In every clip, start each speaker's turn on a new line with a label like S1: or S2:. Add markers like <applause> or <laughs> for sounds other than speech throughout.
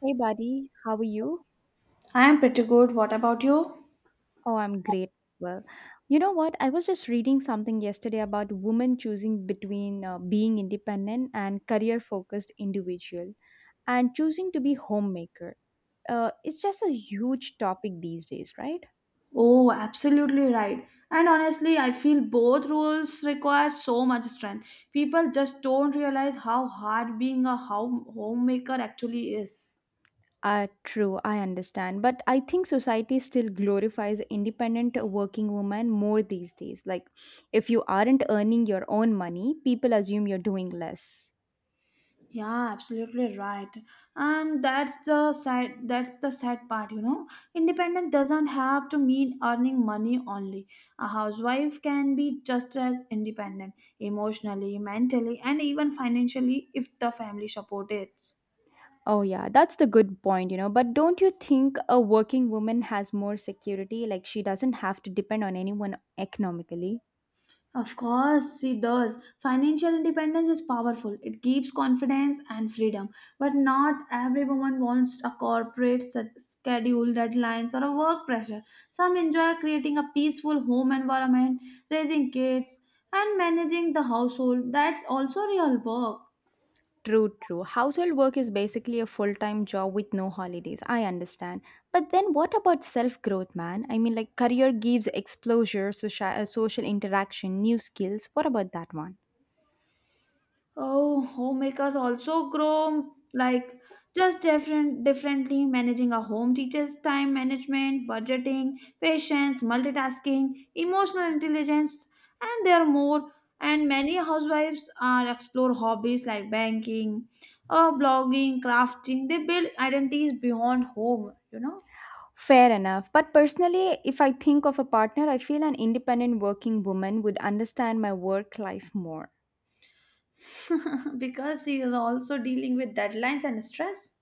S1: Hey, buddy, how are you?
S2: I'm pretty good. What about you?
S1: Oh, I'm great. You know what? I was just reading something yesterday about women choosing between being independent and career focused individual, and choosing to be homemaker. It's just a huge topic these days, right?
S2: Oh, absolutely right. And honestly, I feel both roles require so much strength. People just don't realize how hard being a homemaker actually is.
S1: True, I understand. But I think society still glorifies independent working women more these days. Like, if you aren't earning your own money, people assume you're doing less.
S2: Yeah, absolutely right. And that's the sad part, you know. Independent doesn't have to mean earning money only. A housewife can be just as independent emotionally, mentally, and even financially if the family supports it.
S1: Oh, yeah, that's the good point. But don't you think a working woman has more security? Like, she doesn't have to depend on anyone economically.
S2: Of course, it does. Financial independence is powerful. It gives confidence and freedom. But not every woman wants a schedule, deadlines, or a work pressure. Some enjoy creating a peaceful home environment, raising kids, and managing the household. That's also real work.
S1: True, true. Household work is basically a full time job with no holidays. I understand. But then what about self growth, man? I mean, like, career gives exposure, social interaction, new skills. What about that one?
S2: Oh, homemakers also grow, like, just differently. Managing a home teaches time management, budgeting, patience, multitasking, emotional intelligence, and there are more. And many housewives are explore hobbies like banking, blogging, crafting. They build identities beyond home, you know.
S1: Fair enough. But personally, if I think of a partner, I feel an independent working woman would understand my work life more.
S2: <laughs> Because he is also dealing with deadlines and stress.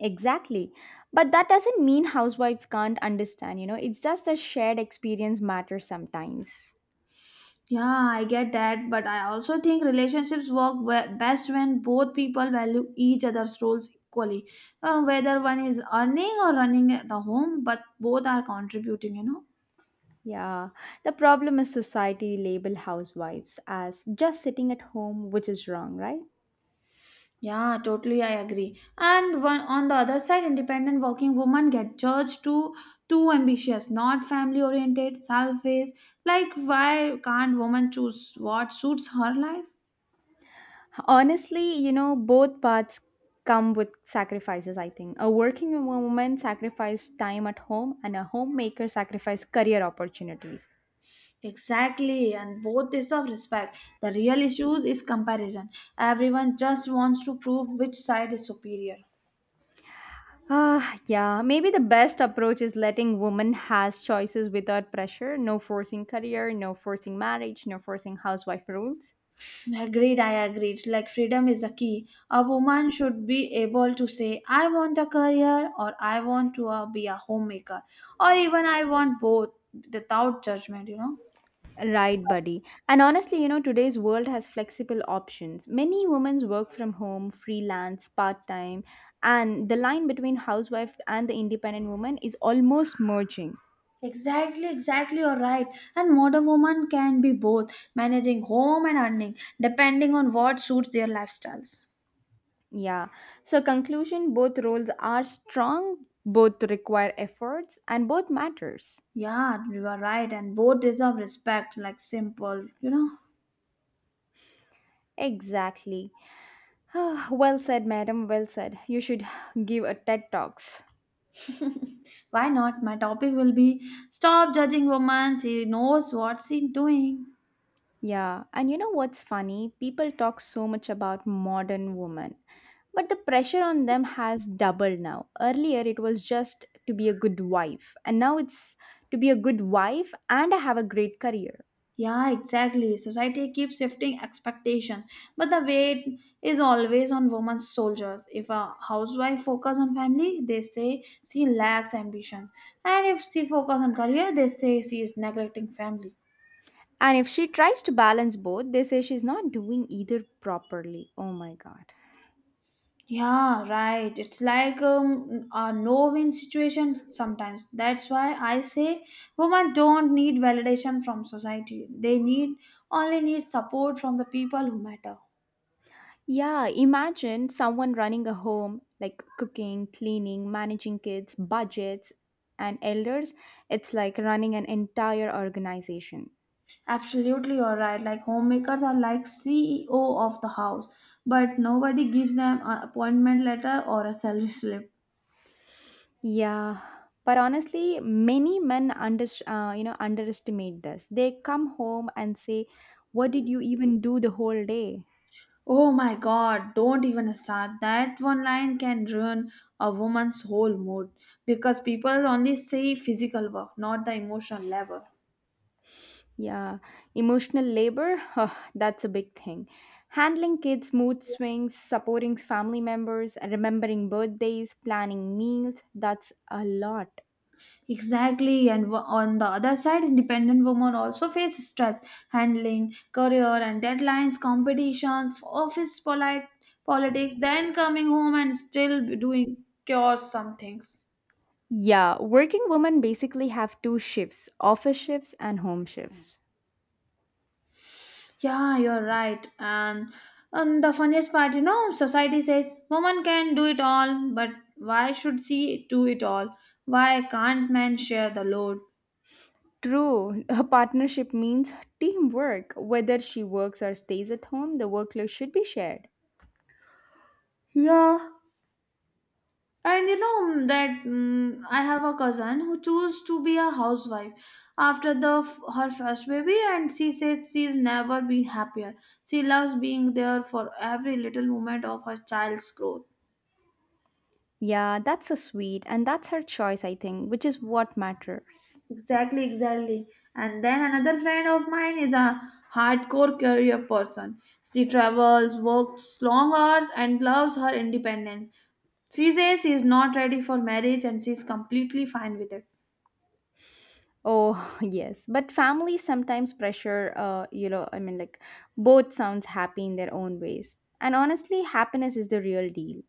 S1: Exactly. But that doesn't mean housewives can't understand, it's just the shared experience matters sometimes.
S2: Yeah, I get that, but I also think relationships best when both people value each other's roles equally, whether one is earning or running the home, but both are contributing, you know.
S1: Yeah. The problem is society label housewives as just sitting at home, which is wrong, right?
S2: Yeah, totally, I agree. And one on the other side, independent working women get judged, too ambitious, not family oriented, selfish. Like, why can't woman choose what suits her life?
S1: Honestly, both paths come with sacrifices, I think. A working woman sacrificed time at home, and a homemaker sacrificed career opportunities.
S2: Exactly, and both is of respect. The real issues is comparison. Everyone just wants to prove which side is superior.
S1: Ah, yeah, maybe the best approach is letting women has choices without pressure, no forcing career, no forcing marriage, no forcing housewife rules.
S2: I agreed. Like freedom is the key. A woman should be able to say, I want a career, or I want to be a homemaker, or even I want both without judgment, you know.
S1: Right, buddy. And honestly, today's world has flexible options. Many women work from home, freelance, part time, and the line between housewife and the independent woman is almost merging.
S2: Exactly, you're right. And modern woman can be both managing home and earning, depending on what suits their lifestyles.
S1: Yeah. So, conclusion both roles are strong, both require efforts, and both matters.
S2: Yeah, you are right, and both deserve respect, like simple, you know.
S1: Exactly. <sighs> Well said, madam. Well said. You should <sighs> give a TED Talks.
S2: Why not? My topic will be stop judging women, she knows what she's doing.
S1: Yeah, and you know what's funny? People talk so much about modern women, but the pressure on them has doubled now. Earlier, it was just to be a good wife, and now it's to be a good wife and have a great career.
S2: Yeah, exactly. Society keeps shifting expectations, but the weight is always on women's shoulders. If a housewife focus on family, they say she lacks ambitions, and if she focus on career, they say she is neglecting family.
S1: And if she tries to balance both, they say she's not doing either properly. Oh my god.
S2: Yeah, right. It's like a no-win situation sometimes. That's why I say women don't need validation from society. They need only need support from the people who matter.
S1: Yeah, imagine someone running a home, like cooking, cleaning, managing kids, budgets, and elders. It's like running an entire organization.
S2: Absolutely, you're right. Like homemakers are like CEO of the house, but nobody gives them an appointment letter or a salary slip.
S1: Yeah, but honestly, many men underestimate this. They come home and say, "What did you even do the whole day?"
S2: Oh my god, don't even start. That one line can ruin a woman's whole mood because people only see physical work, not the emotional level.
S1: Yeah, emotional labor, huh, that's a big thing. Handling kids' mood swings, supporting family members, remembering birthdays, planning meals, that's a lot.
S2: Exactly, and on the other side, independent women also face stress, handling career and deadlines, competitions, office polite politics, then coming home and still doing cures some things.
S1: Yeah, working women basically have two shifts, office shifts and home shifts.
S2: Yeah, you're right. And the funniest part, you know, society says woman can do it all, but why should she do it all? Why can't men share the load?
S1: True, a partnership means teamwork. Whether she works or stays at home, the workload should be shared.
S2: Yeah. And you know, I have a cousin who chose to be a housewife after her first baby, and she says she's never been happier. She loves being there for every little moment of her child's growth.
S1: Yeah, that's so sweet, and that's her choice, I think, which is what matters.
S2: Exactly. And then another friend of mine is a hardcore career person. She travels, works long hours, and loves her independence. She says she is not ready for marriage and she is completely fine with it.
S1: Oh, <laughs> yes. But families sometimes I mean, like both sounds happy in their own ways. And honestly, happiness is the real deal.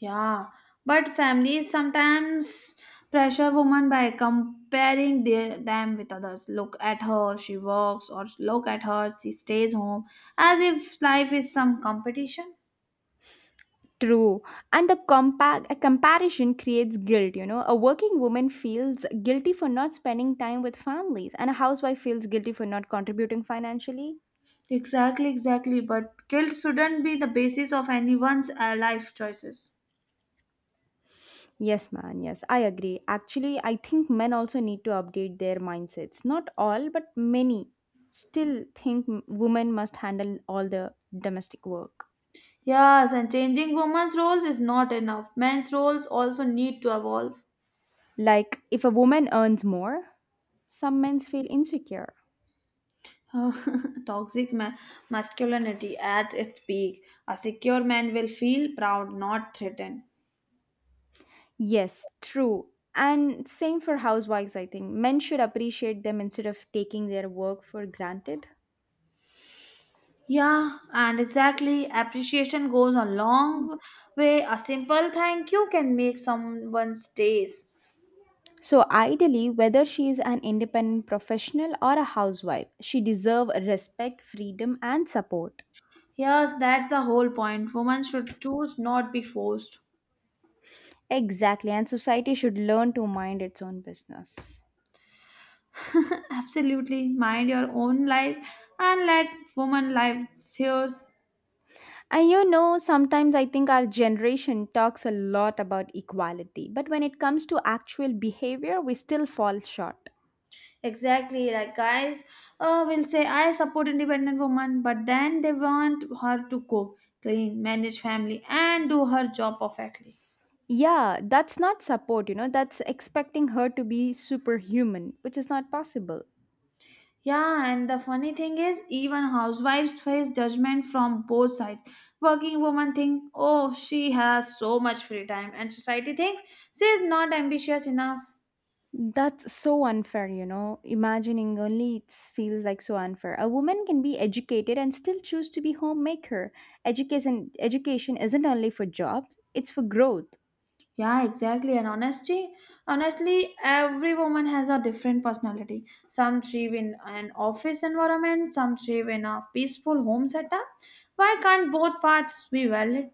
S2: Yeah, but families sometimes pressure women by comparing them with others. Look at her, she works, or look at her, she stays home, as if life is some competition.
S1: True. And the compa- a comparison creates guilt. A working woman feels guilty for not spending time with families, and a housewife feels guilty for not contributing financially.
S2: Exactly. But guilt shouldn't be the basis of anyone's life choices.
S1: Yes, man. Yes, I agree. Actually, I think men also need to update their mindsets. Not all, but many still think women must handle all the domestic work.
S2: Yes, and changing women's roles is not enough. Men's roles also need to evolve.
S1: Like, if a woman earns more, some men feel insecure.
S2: Uh, <laughs> Toxic masculinity at its peak. A secure man will feel proud, not threatened.
S1: Yes, true. And same for housewives, I think. Men should appreciate them instead of taking their work for granted.
S2: Yeah, and exactly. Appreciation goes a long way. A simple thank you can make someone's days.
S1: So ideally, whether she is an independent professional or a housewife, she deserve respect, freedom and support.
S2: Yes, that's the whole point. Women should choose, not be forced.
S1: Exactly, and society should learn to mind its own business.
S2: Absolutely. Mind your own life and let woman live yours.
S1: And you know, sometimes I think our generation talks a lot about equality, but when it comes to actual behavior, we still fall short.
S2: Exactly. Like guys will say, I support independent woman, but then they want her to cook, clean, manage family, and do her job perfectly.
S1: Yeah, that's not support, that's expecting her to be superhuman, which is not possible.
S2: Yeah, and the funny thing is, even housewives face judgment from both sides. Working women think, oh, she has so much free time, and society thinks she is not ambitious enough.
S1: That's so unfair. Imagining only it feels like so unfair. A woman can be educated and still choose to be homemaker. Education education isn't only for jobs, it's for growth.
S2: Yeah, exactly. And honestly, every woman has a different personality. Some thrive in an office environment, some thrive in a peaceful home setup. Why can't both paths be valid?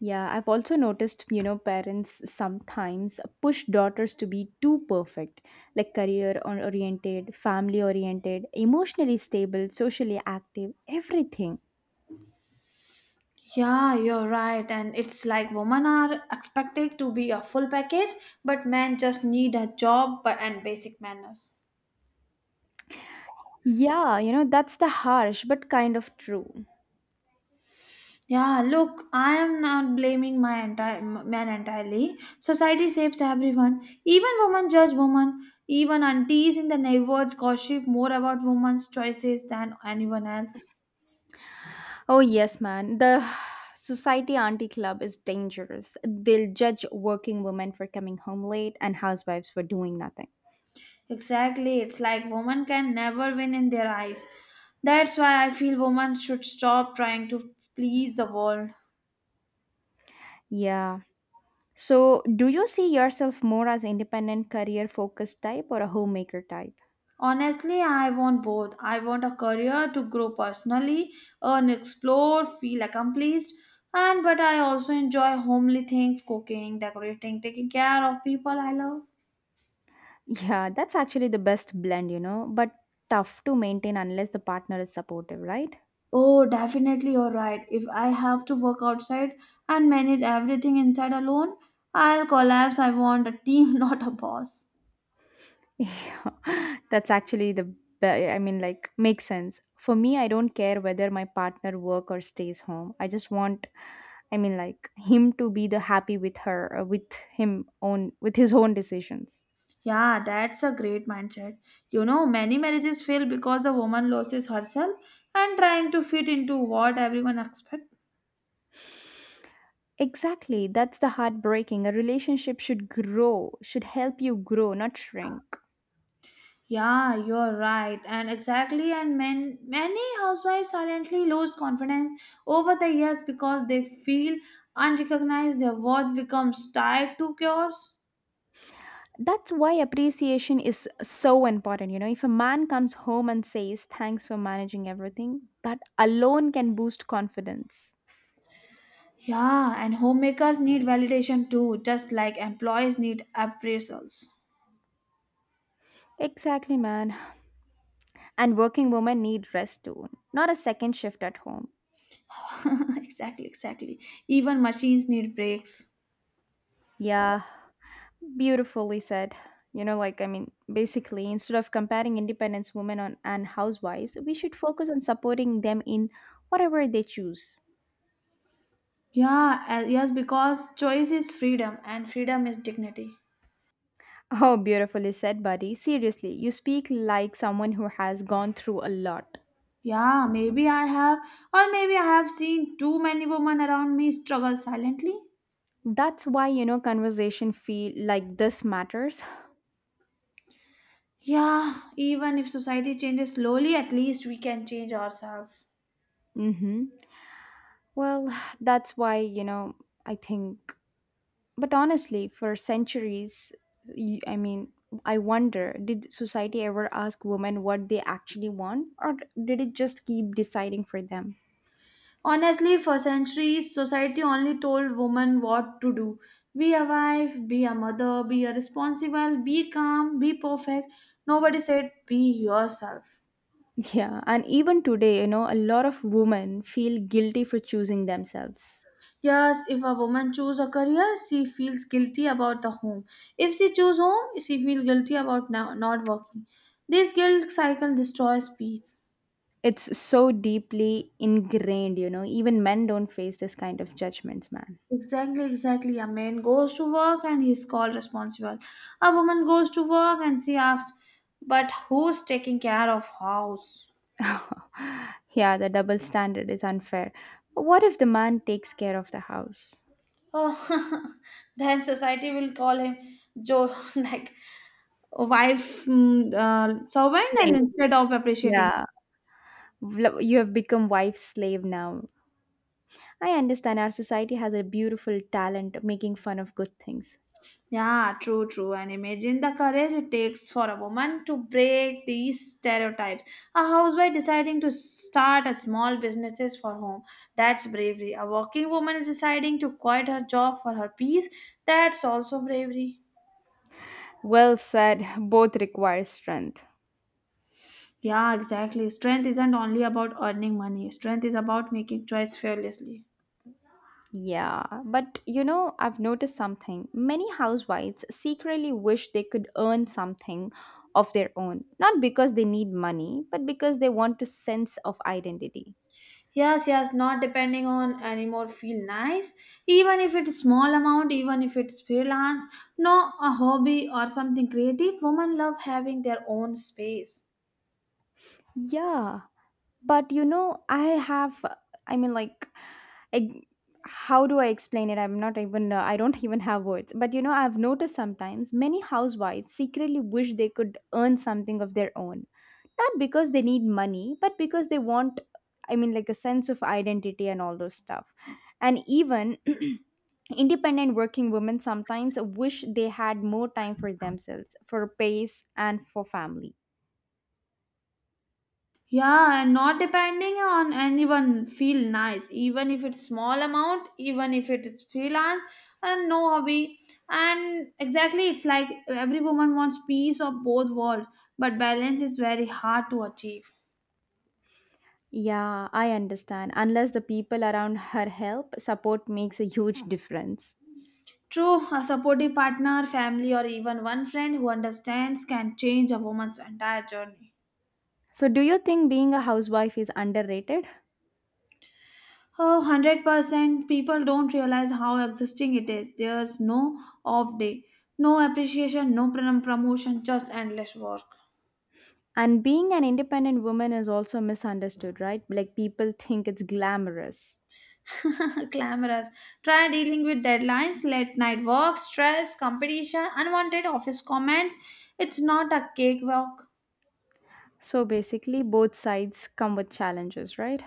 S1: Yeah, I've also parents sometimes push daughters to be too perfect, like oriented, family oriented, emotionally stable, socially active, everything.
S2: Yeah, you're right. And it's like women are expected to be a full package, but men just need a job but and basic manners.
S1: Yeah, you know, that's the harsh but kind of true.
S2: Yeah, look, I am not blaming my entire man entirely. Society shapes everyone. Even women judge women. Even aunties in the neighborhood gossip more about women's choices than anyone else.
S1: Oh, yes, man. The <sighs> Society Auntie Club is dangerous. They'll judge working women for coming home late and housewives for doing nothing.
S2: Exactly, it's like women can never win in their eyes. That's why I feel women should stop trying to please the world.
S1: Yeah. So, do you see yourself more as independent career focused type or a homemaker type?
S2: Honestly, I want both. I want a career to grow personally, earn, explore, feel accomplished, and but I also enjoy homely things, cooking, decorating, taking care of people I love.
S1: Yeah, that's actually the best but tough to maintain unless the partner is supportive, right?
S2: Oh, definitely you're right. If I have to work outside and manage everything inside alone, I'll collapse. I want a team, <laughs> not a boss.
S1: Yeah, <laughs> that's actually the I mean, like, makes sense. For me, I don't care whether my partner work or stays home. I just want, I mean, like, him to be the happy with her, with him own, with his own decisions.
S2: Yeah, that's a great mindset. You know, many marriages fail because the woman loses herself and trying to fit into what everyone expects.
S1: Exactly. That's the heartbreaking. A relationship should grow, should help you grow, not shrink.
S2: Yeah, you're right. And exactly, and men, many housewives silently lose confidence over the years because they feel unrecognized, their worth becomes tied to cures.
S1: That's why appreciation is so important. You know, if a man comes home and says, "Thanks for managing everything," that alone can boost confidence.
S2: Yeah, and homemakers need validation too, just like employees need appraisals.
S1: Exactly, man. And working women need rest too, not a second shift at home.
S2: <laughs> Exactly. Even machines need breaks.
S1: Yeah, beautifully said. Basically, instead of comparing independence women on, and housewives, we should focus on supporting them in whatever they choose. <laughs>
S2: Yeah, yes, because choice is freedom and freedom is dignity.
S1: Oh, beautifully said, buddy. Seriously, you speak like someone who has gone through a lot.
S2: Yeah, maybe I have, or maybe I have seen too many women around me struggle silently.
S1: That's conversation feel like this matters.
S2: Yeah, even if society changes slowly, at least we can change ourselves.
S1: Mm-hmm. Well, <sighs> that's I think. But honestly, for centuries, I mean, I wonder did society ever ask women what they actually want, or did it just keep deciding for them? <laughs>
S2: Honestly, for centuries, society only told women what to do, be a wife, be a mother, be a responsible, be calm, be perfect. Nobody said be yourself.
S1: Yeah, and even today, a lot of women feel guilty for choosing themselves.
S2: Yes, if a woman choose a career, she feels guilty about the home. If she choose home, she feels guilty about not working. This guilt cycle destroys peace.
S1: It's so deeply ingrained, you know, even men don't face this kind of judgments, man.
S2: Exactly. A man goes to work and he is called responsible. A woman goes to work and she asks, "But who's taking care of house?"
S1: <sighs> Yeah, the double standard is unfair. But what if the man takes care of the house?
S2: Oh, <laughs> then society will call him Joe, <laughs> like wife, servant, and
S1: Slave.
S2: instead of appreciating.
S1: Yeah. You have become wife's slave now. I understand our society has a beautiful talent of making fun of good things.
S2: Yeah, true. And imagine the courage it takes for a woman to break these stereotypes. A housewife deciding to start a small businesses for home. That's bravery. A working woman is deciding to quit her job for her peace. That's also bravery.
S1: Well said, both require strength.
S2: Yeah, exactly. Strength isn't only about earning money. Strength is about making choice fearlessly.
S1: Yeah, but you know, I've noticed something. Many housewives secretly wish they could earn something of their own, not because they need money, but because they want a sense of identity.
S2: Yes, not depending on anymore feel nice. Even if it's small amount, even if it's freelance, no a hobby or something creative, women love having their own space.
S1: Yeah, but you know, I have, I mean, like, eg- how do I explain it? I'm not even, I don't <laughs> even have words. But you know, I've noticed sometimes many housewives secretly wish they could earn something of their own. Not because they need money, but because they want, I mean, like a sense of identity and all those stuff. And even <clears throat> independent working women sometimes wish they had more time for themselves, for pace, and for family.
S2: Yeah, and not depending on anyone feel nice, even if it's small amount, even if it is freelance and no hobby. And exactly it's like every woman wants peace of both worlds, but balance is very hard to achieve.
S1: Yeah, I understand. Unless the people around her help, support makes a huge difference.
S2: True, a supportive partner, family, or even one friend who understands can change a woman's entire journey.
S1: So, do you think being a housewife is underrated?
S2: Oh, 100% people don't realize how exhausting it is. There's no off day, no appreciation, no prom- promotion, just endless work.
S1: And being an independent woman is also misunderstood, right? Like people think it's glamorous.
S2: <laughs> Glamorous. Try dealing with deadlines, late night work, stress, competition, unwanted office comments. It's not a cake walk.
S1: So, basically, both sides come with challenges, right?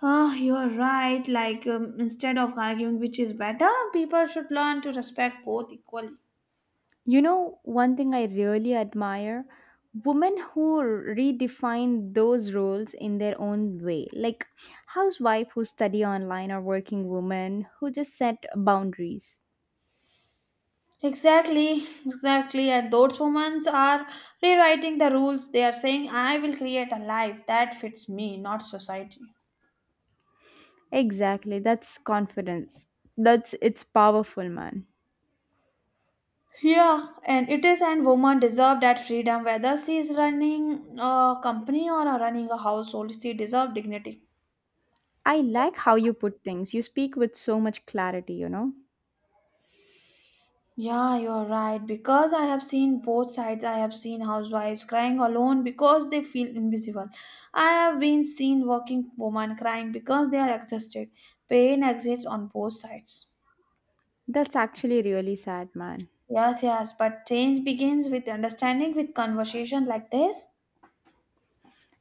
S2: Ah, you are right. Like, instead of arguing which is better, people should learn to respect both equally.
S1: You know, one thing I really admire women who redefine those roles in their own way, like housewife who study online or working woman who just set boundaries.
S2: Exactly. And those women are rewriting the rules. They are saying, I will create a life that fits me, not society.
S1: Exactly, that's confidence. That's it's powerful, man.
S2: Yeah, and it is, and women deserve that freedom. Whether she is running a company or running a household, she deserves dignity.
S1: I like how you put things. You speak with so much clarity, you know?
S2: Yeah, you're right. Because I have seen both sides. I have seen housewives crying alone because they feel invisible. I have been seen working women crying because they are exhausted. Pain exists on both sides.
S1: That's actually really sad, man.
S2: Yes, but change begins with understanding with conversation like this.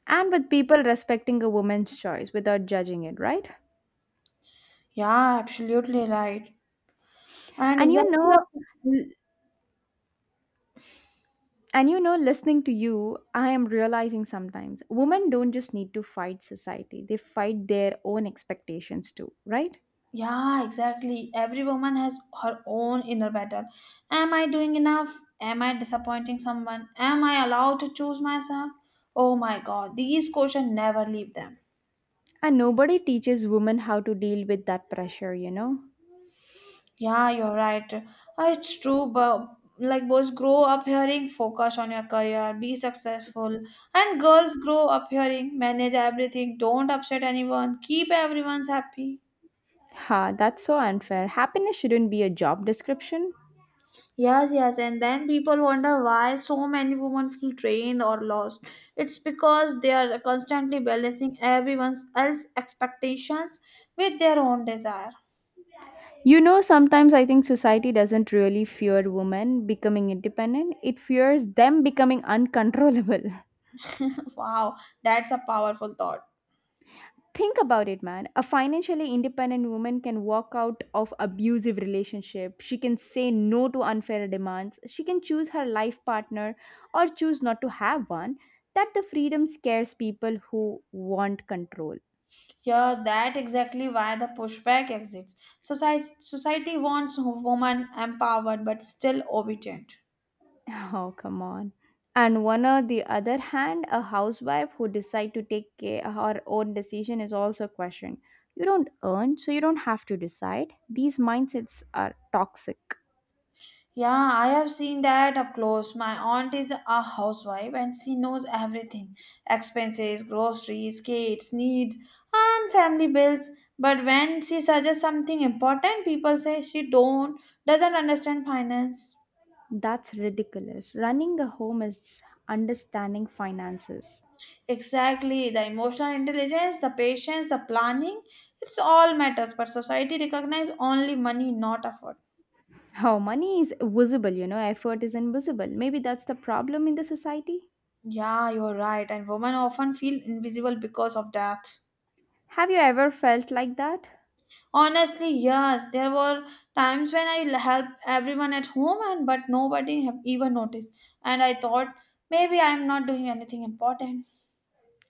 S1: And with people respecting a woman's choice without judging it, right?
S2: Yeah, absolutely right. And
S1: And
S2: exactly your.
S1: l- and you know, listening to you, I am realizing sometimes women don't just need to fight society, they fight their own expectations too, right?
S2: Yeah, exactly. Every woman has her own inner battle. Am I doing enough? Am I disappointing someone? Am I allowed to choose myself? Oh my god, these questions never leave them.
S1: And nobody teaches women how to deal with that pressure, you know?
S2: Yeah, you're right. It's true, but like boys grow up hearing focus on your career, be successful, and girls grow up hearing manage everything, don't upset anyone, keep everyone's happy.
S1: Ha, that's so unfair. Happiness shouldn't be a job description.
S2: Yes, and then people wonder why so many women feel drained or lost. It's because they are constantly balancing everyone else's expectations with their own desire.
S1: You know, sometimes I think society doesn't really fear women becoming independent, it fears them becoming uncontrollable. <laughs>
S2: <laughs> Wow, that's a powerful thought.
S1: Think about it, man. A financially independent woman can walk out of abusive relationship. She can say no to unfair demands. She can choose her life partner or choose not to have one. That the freedom scares people who want control.
S2: Yeah, that exactly why the pushback exists. Society wants women empowered but still obedient.
S1: <laughs> Oh, come on. And one on the other hand, a housewife who decide to take care, her own decision is also questioned. You don't earn, so you don't have to decide. These mindsets are toxic.
S2: Yeah, I have seen that up close. My aunt is a housewife and she knows everything: expenses, groceries, kids, needs, and family bills. But when she suggests something important, people say she don't doesn't understand finance.
S1: That's ridiculous. Running a home is understanding finances.
S2: Exactly, the emotional intelligence, the patience, the planning, it's all matters, but society recognizes only money, not effort.
S1: How money is visible, you know, effort is invisible. Maybe that's the problem in the society.
S2: Yeah, you're right, and women often feel invisible because of that.
S1: Have you ever felt like that? <laughs>
S2: Honestly, yes, there were times when helped everyone at home and but nobody have even noticed. And I thought maybe I'm not doing anything important.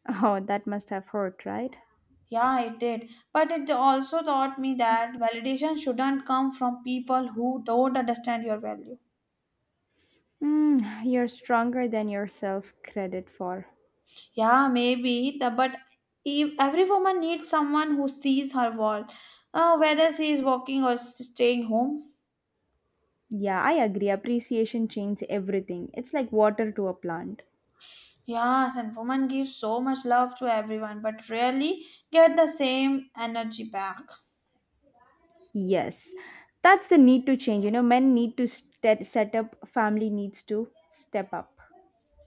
S1: Oh, that must have hurt, right?
S2: Yeah, it did. But it also taught me that validation shouldn't come from people who don't understand your value.
S1: Mm, you're stronger than yourself credit for.
S2: Yeah, maybe the but every woman needs someone who sees her worth, whether she is walking or staying home.
S1: Yeah, I agree. Appreciation changes everything. It's like water to a plant.
S2: Yes, and women give so much love to everyone, but rarely get the same energy back.
S1: Yes, that's the need to change. You know, men need to set up, family needs to step up.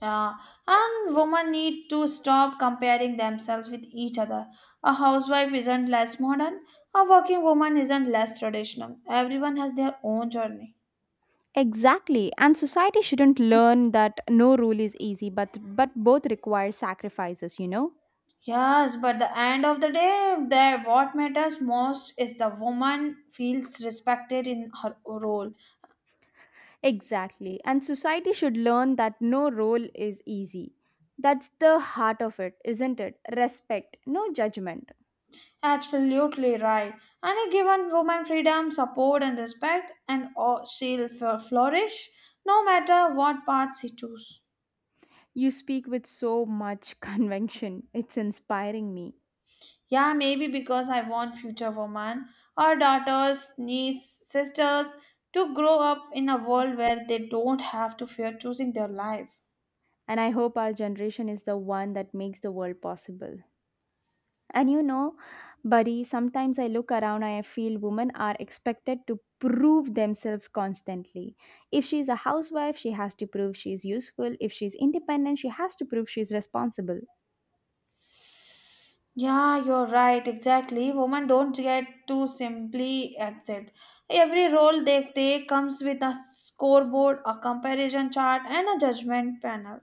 S2: Yeah, and women need to stop comparing themselves with each other. A housewife isn't less modern, a working woman isn't less traditional. Everyone has their own journey.
S1: Exactly, and society shouldn't learn that no rule is easy, but both require sacrifices, you know?
S2: Yes, but the end of the day, the what matters most is the woman feels respected in her role.
S1: Exactly. And society should learn that no role is easy. That's the heart of it, isn't it? Respect, no judgment.
S2: Absolutely right. Any given woman freedom, support, and respect, and she'll flourish no matter what path she chooses.
S1: You speak with so much <laughs> conviction. It's inspiring me.
S2: Yeah, maybe because I want future women, our daughters, nieces, sisters to grow up in a world where they don't have to fear choosing their life.
S1: And I hope our generation is the one that makes the world possible. And you know, buddy, sometimes I look around and I feel women are expected to prove themselves constantly. If she's a housewife, she has to prove she's useful. If she's independent, she has to prove she's responsible.
S2: Yeah, you're right, exactly. Women don't get to simply exit. Every role they take comes with a scoreboard, a comparison chart, and a judgment panel.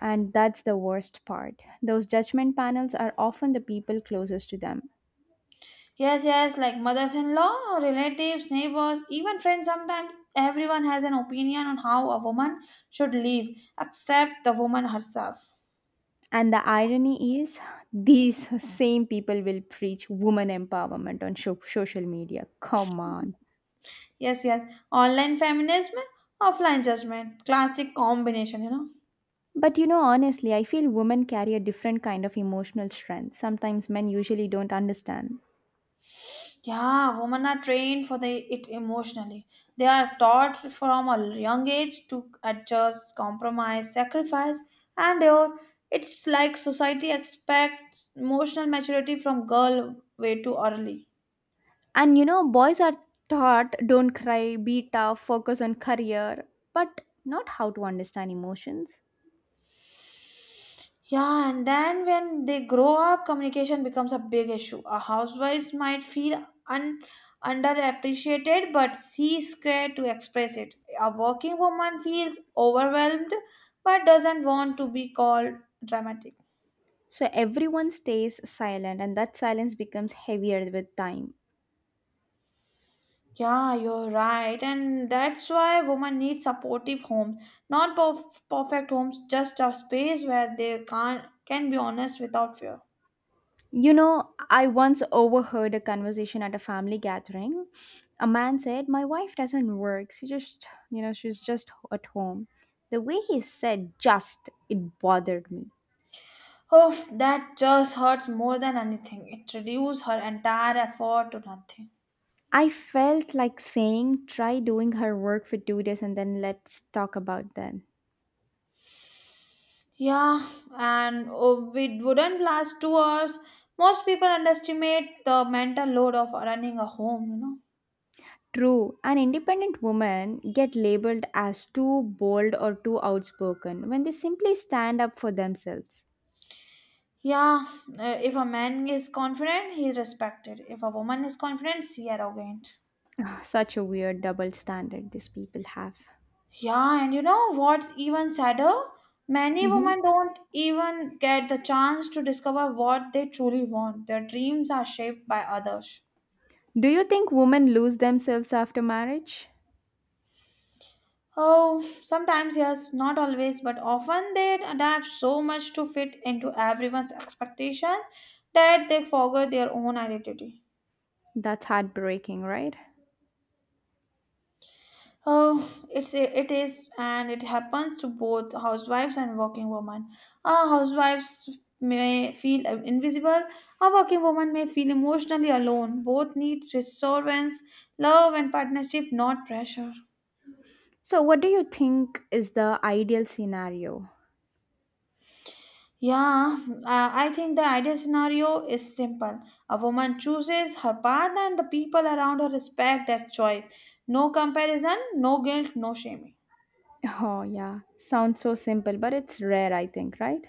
S1: And that's the worst part. Those judgment panels are often the people closest to them.
S2: Yes, yes, like mothers in law, relatives, neighbors, even friends sometimes. Everyone has an opinion on how a woman should live, except the woman herself.
S1: And the irony is, <laughs> these same people will preach woman empowerment on social media. Come on.
S2: Yes, yes, online feminism, offline judgment, classic combination, you know.
S1: But you know, honestly, I feel women carry a different kind of emotional strength. Sometimes men usually don't understand.
S2: Yeah, women are trained for the it emotionally. They are taught from a young age to adjust, compromise, sacrifice, and it's like society expects emotional maturity from girl way too early.
S1: And you know, boys are taught, don't cry, be tough, focus on career, but not how to understand emotions.
S2: Yeah, and then when they grow up, communication becomes a big issue. A housewife might feel underappreciated, but she's scared to express it. A working woman feels overwhelmed, but doesn't want to be called dramatic.
S1: So everyone stays silent, and that silence becomes heavier with time.
S2: Yeah, you're right, and that's why women need supportive homes, not perfect homes, just a space where they can be honest without fear.
S1: You know, I once overheard a conversation at a family gathering. A man said, "My wife doesn't work. She just, you know, she's just at home." The way he said "just," it bothered me.
S2: Oh, that just hurts more than anything. It reduces her entire effort to nothing.
S1: I felt like saying, "Try doing her work for 2 days and then let's talk about that."
S2: Yeah, and oh, it wouldn't last 2 hours. Most people underestimate the mental load of running a home, you know.
S1: True, an independent woman get labeled as too bold or too outspoken when they simply stand up for themselves.
S2: Yeah, if a man is confident, he is respected. If a woman is confident, she arrogant.
S1: <laughs> Ugh, such a weird double standard these people have.
S2: Yeah, and you know what's even sadder? Many
S1: Mhm.
S2: women don't even get the chance to discover what they truly want. Their dreams are shaped by others.
S1: Do you think women lose themselves after marriage?
S2: Oh, sometimes yes, not always, but often they adapt so much to fit into everyone's expectations that they forget their own identity.
S1: That's heartbreaking, right?
S2: Oh, it is, and it happens to both housewives and working women. Housewives may feel invisible. A working woman may feel emotionally alone. Both need reassurance, love, and partnership, not pressure.
S1: So, what do you think is the ideal scenario?
S2: Yeah, I think the ideal scenario is simple. A woman chooses her path, and the people around her respect that choice. No comparison, no guilt, no shaming.
S1: Oh, yeah. Sounds so simple, but it's rare, I think, right?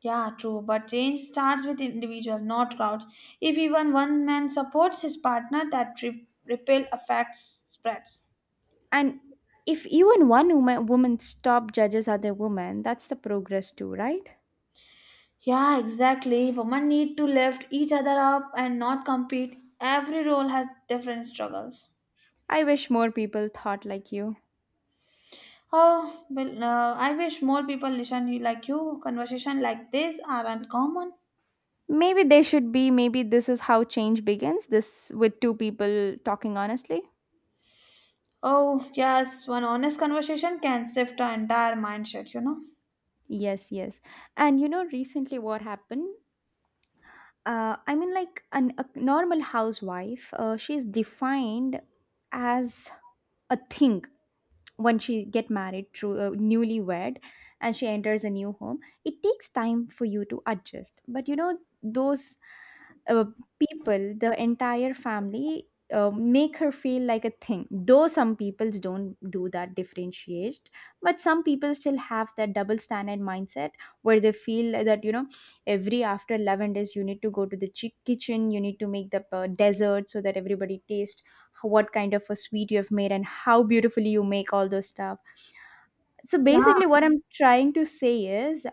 S2: Yeah, true, but change starts with individual, not crowds. If even one man supports his partner, that ripple effect spreads.
S1: And if even one woman stop judges other women, that's the progress too, right?
S2: Yeah, exactly. Women need to lift each other up and not compete. Every role has different struggles.
S1: I wish more people thought like you.
S2: Oh, well, I wish more people listen you like you. Conversation like this are uncommon.
S1: Maybe they should be, maybe this is how change begins, this with two people talking honestly.
S2: Oh, yes, one honest conversation can shift our entire mindset, you know.
S1: Yes, yes. And you know, recently what happened? I mean, a normal housewife, she's defined as a thing when she get married through newlywed, and she enters a new home. It takes time for you to adjust, but you know those uh, people, the entire family, make her feel like a thing, though some people don't do that differentiate, but some people still have that double standard mindset, where they feel that, you know, every after 11 days you need to go to the kitchen, you need to make the dessert, so that everybody tastes what kind of a sweet you have made and how beautifully you make all those stuff. So
S2: Yeah.
S1: basically what I'm trying to say is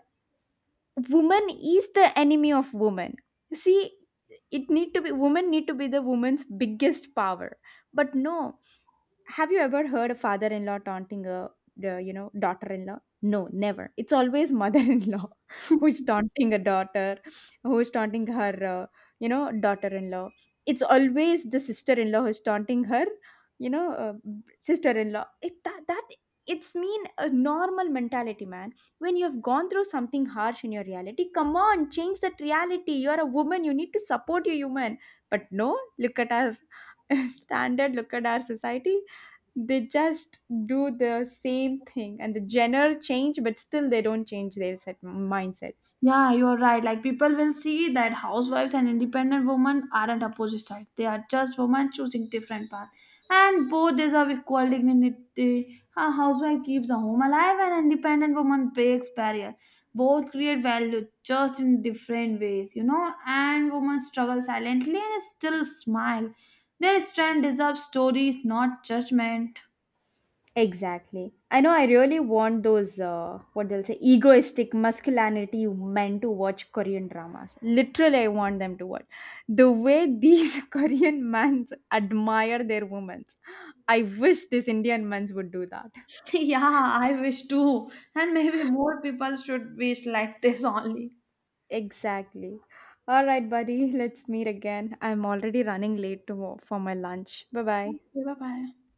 S1: woman is the enemy of woman. See, it need to be, women need to be the woman's biggest power. But no, have you ever heard a father-in-law taunting a you know, daughter-in-law? No, never. It's always mother-in-law <laughs> who is taunting a daughter, who is taunting her you know, daughter-in-law. It's always the sister-in-law who is taunting her, you know, sister-in-law. It that, that it's mean a normal mentality, man. When you have gone through something harsh in your reality, come on, change that reality. You are a woman. You need to support your human. But no, look at our <laughs> standard, look at our society, they just do the same thing and the genre change but still they don't change their set mindsets.
S2: Yeah, you're right. Like people will see that housewives and independent women aren't opposite sides. They are just women choosing different paths. And both deserve equal dignity. A housewife keeps a home alive and an independent woman breaks barrier. Both create value just in different ways, you know. And women struggle silently and still smile. Their strength deserves stories, not judgment.
S1: Exactly. I know I really want those, what they'll say, egoistic masculinity men to watch Korean dramas. Literally, I want them to watch. The way these <laughs> Korean men admire their women. I wish these Indian men would do that.
S2: <laughs> Yeah, I wish too. And maybe more people should wish like this only.
S1: Exactly. All right, buddy, let's meet again. I'm already running late for my lunch. Bye bye.
S2: Okay, bye bye.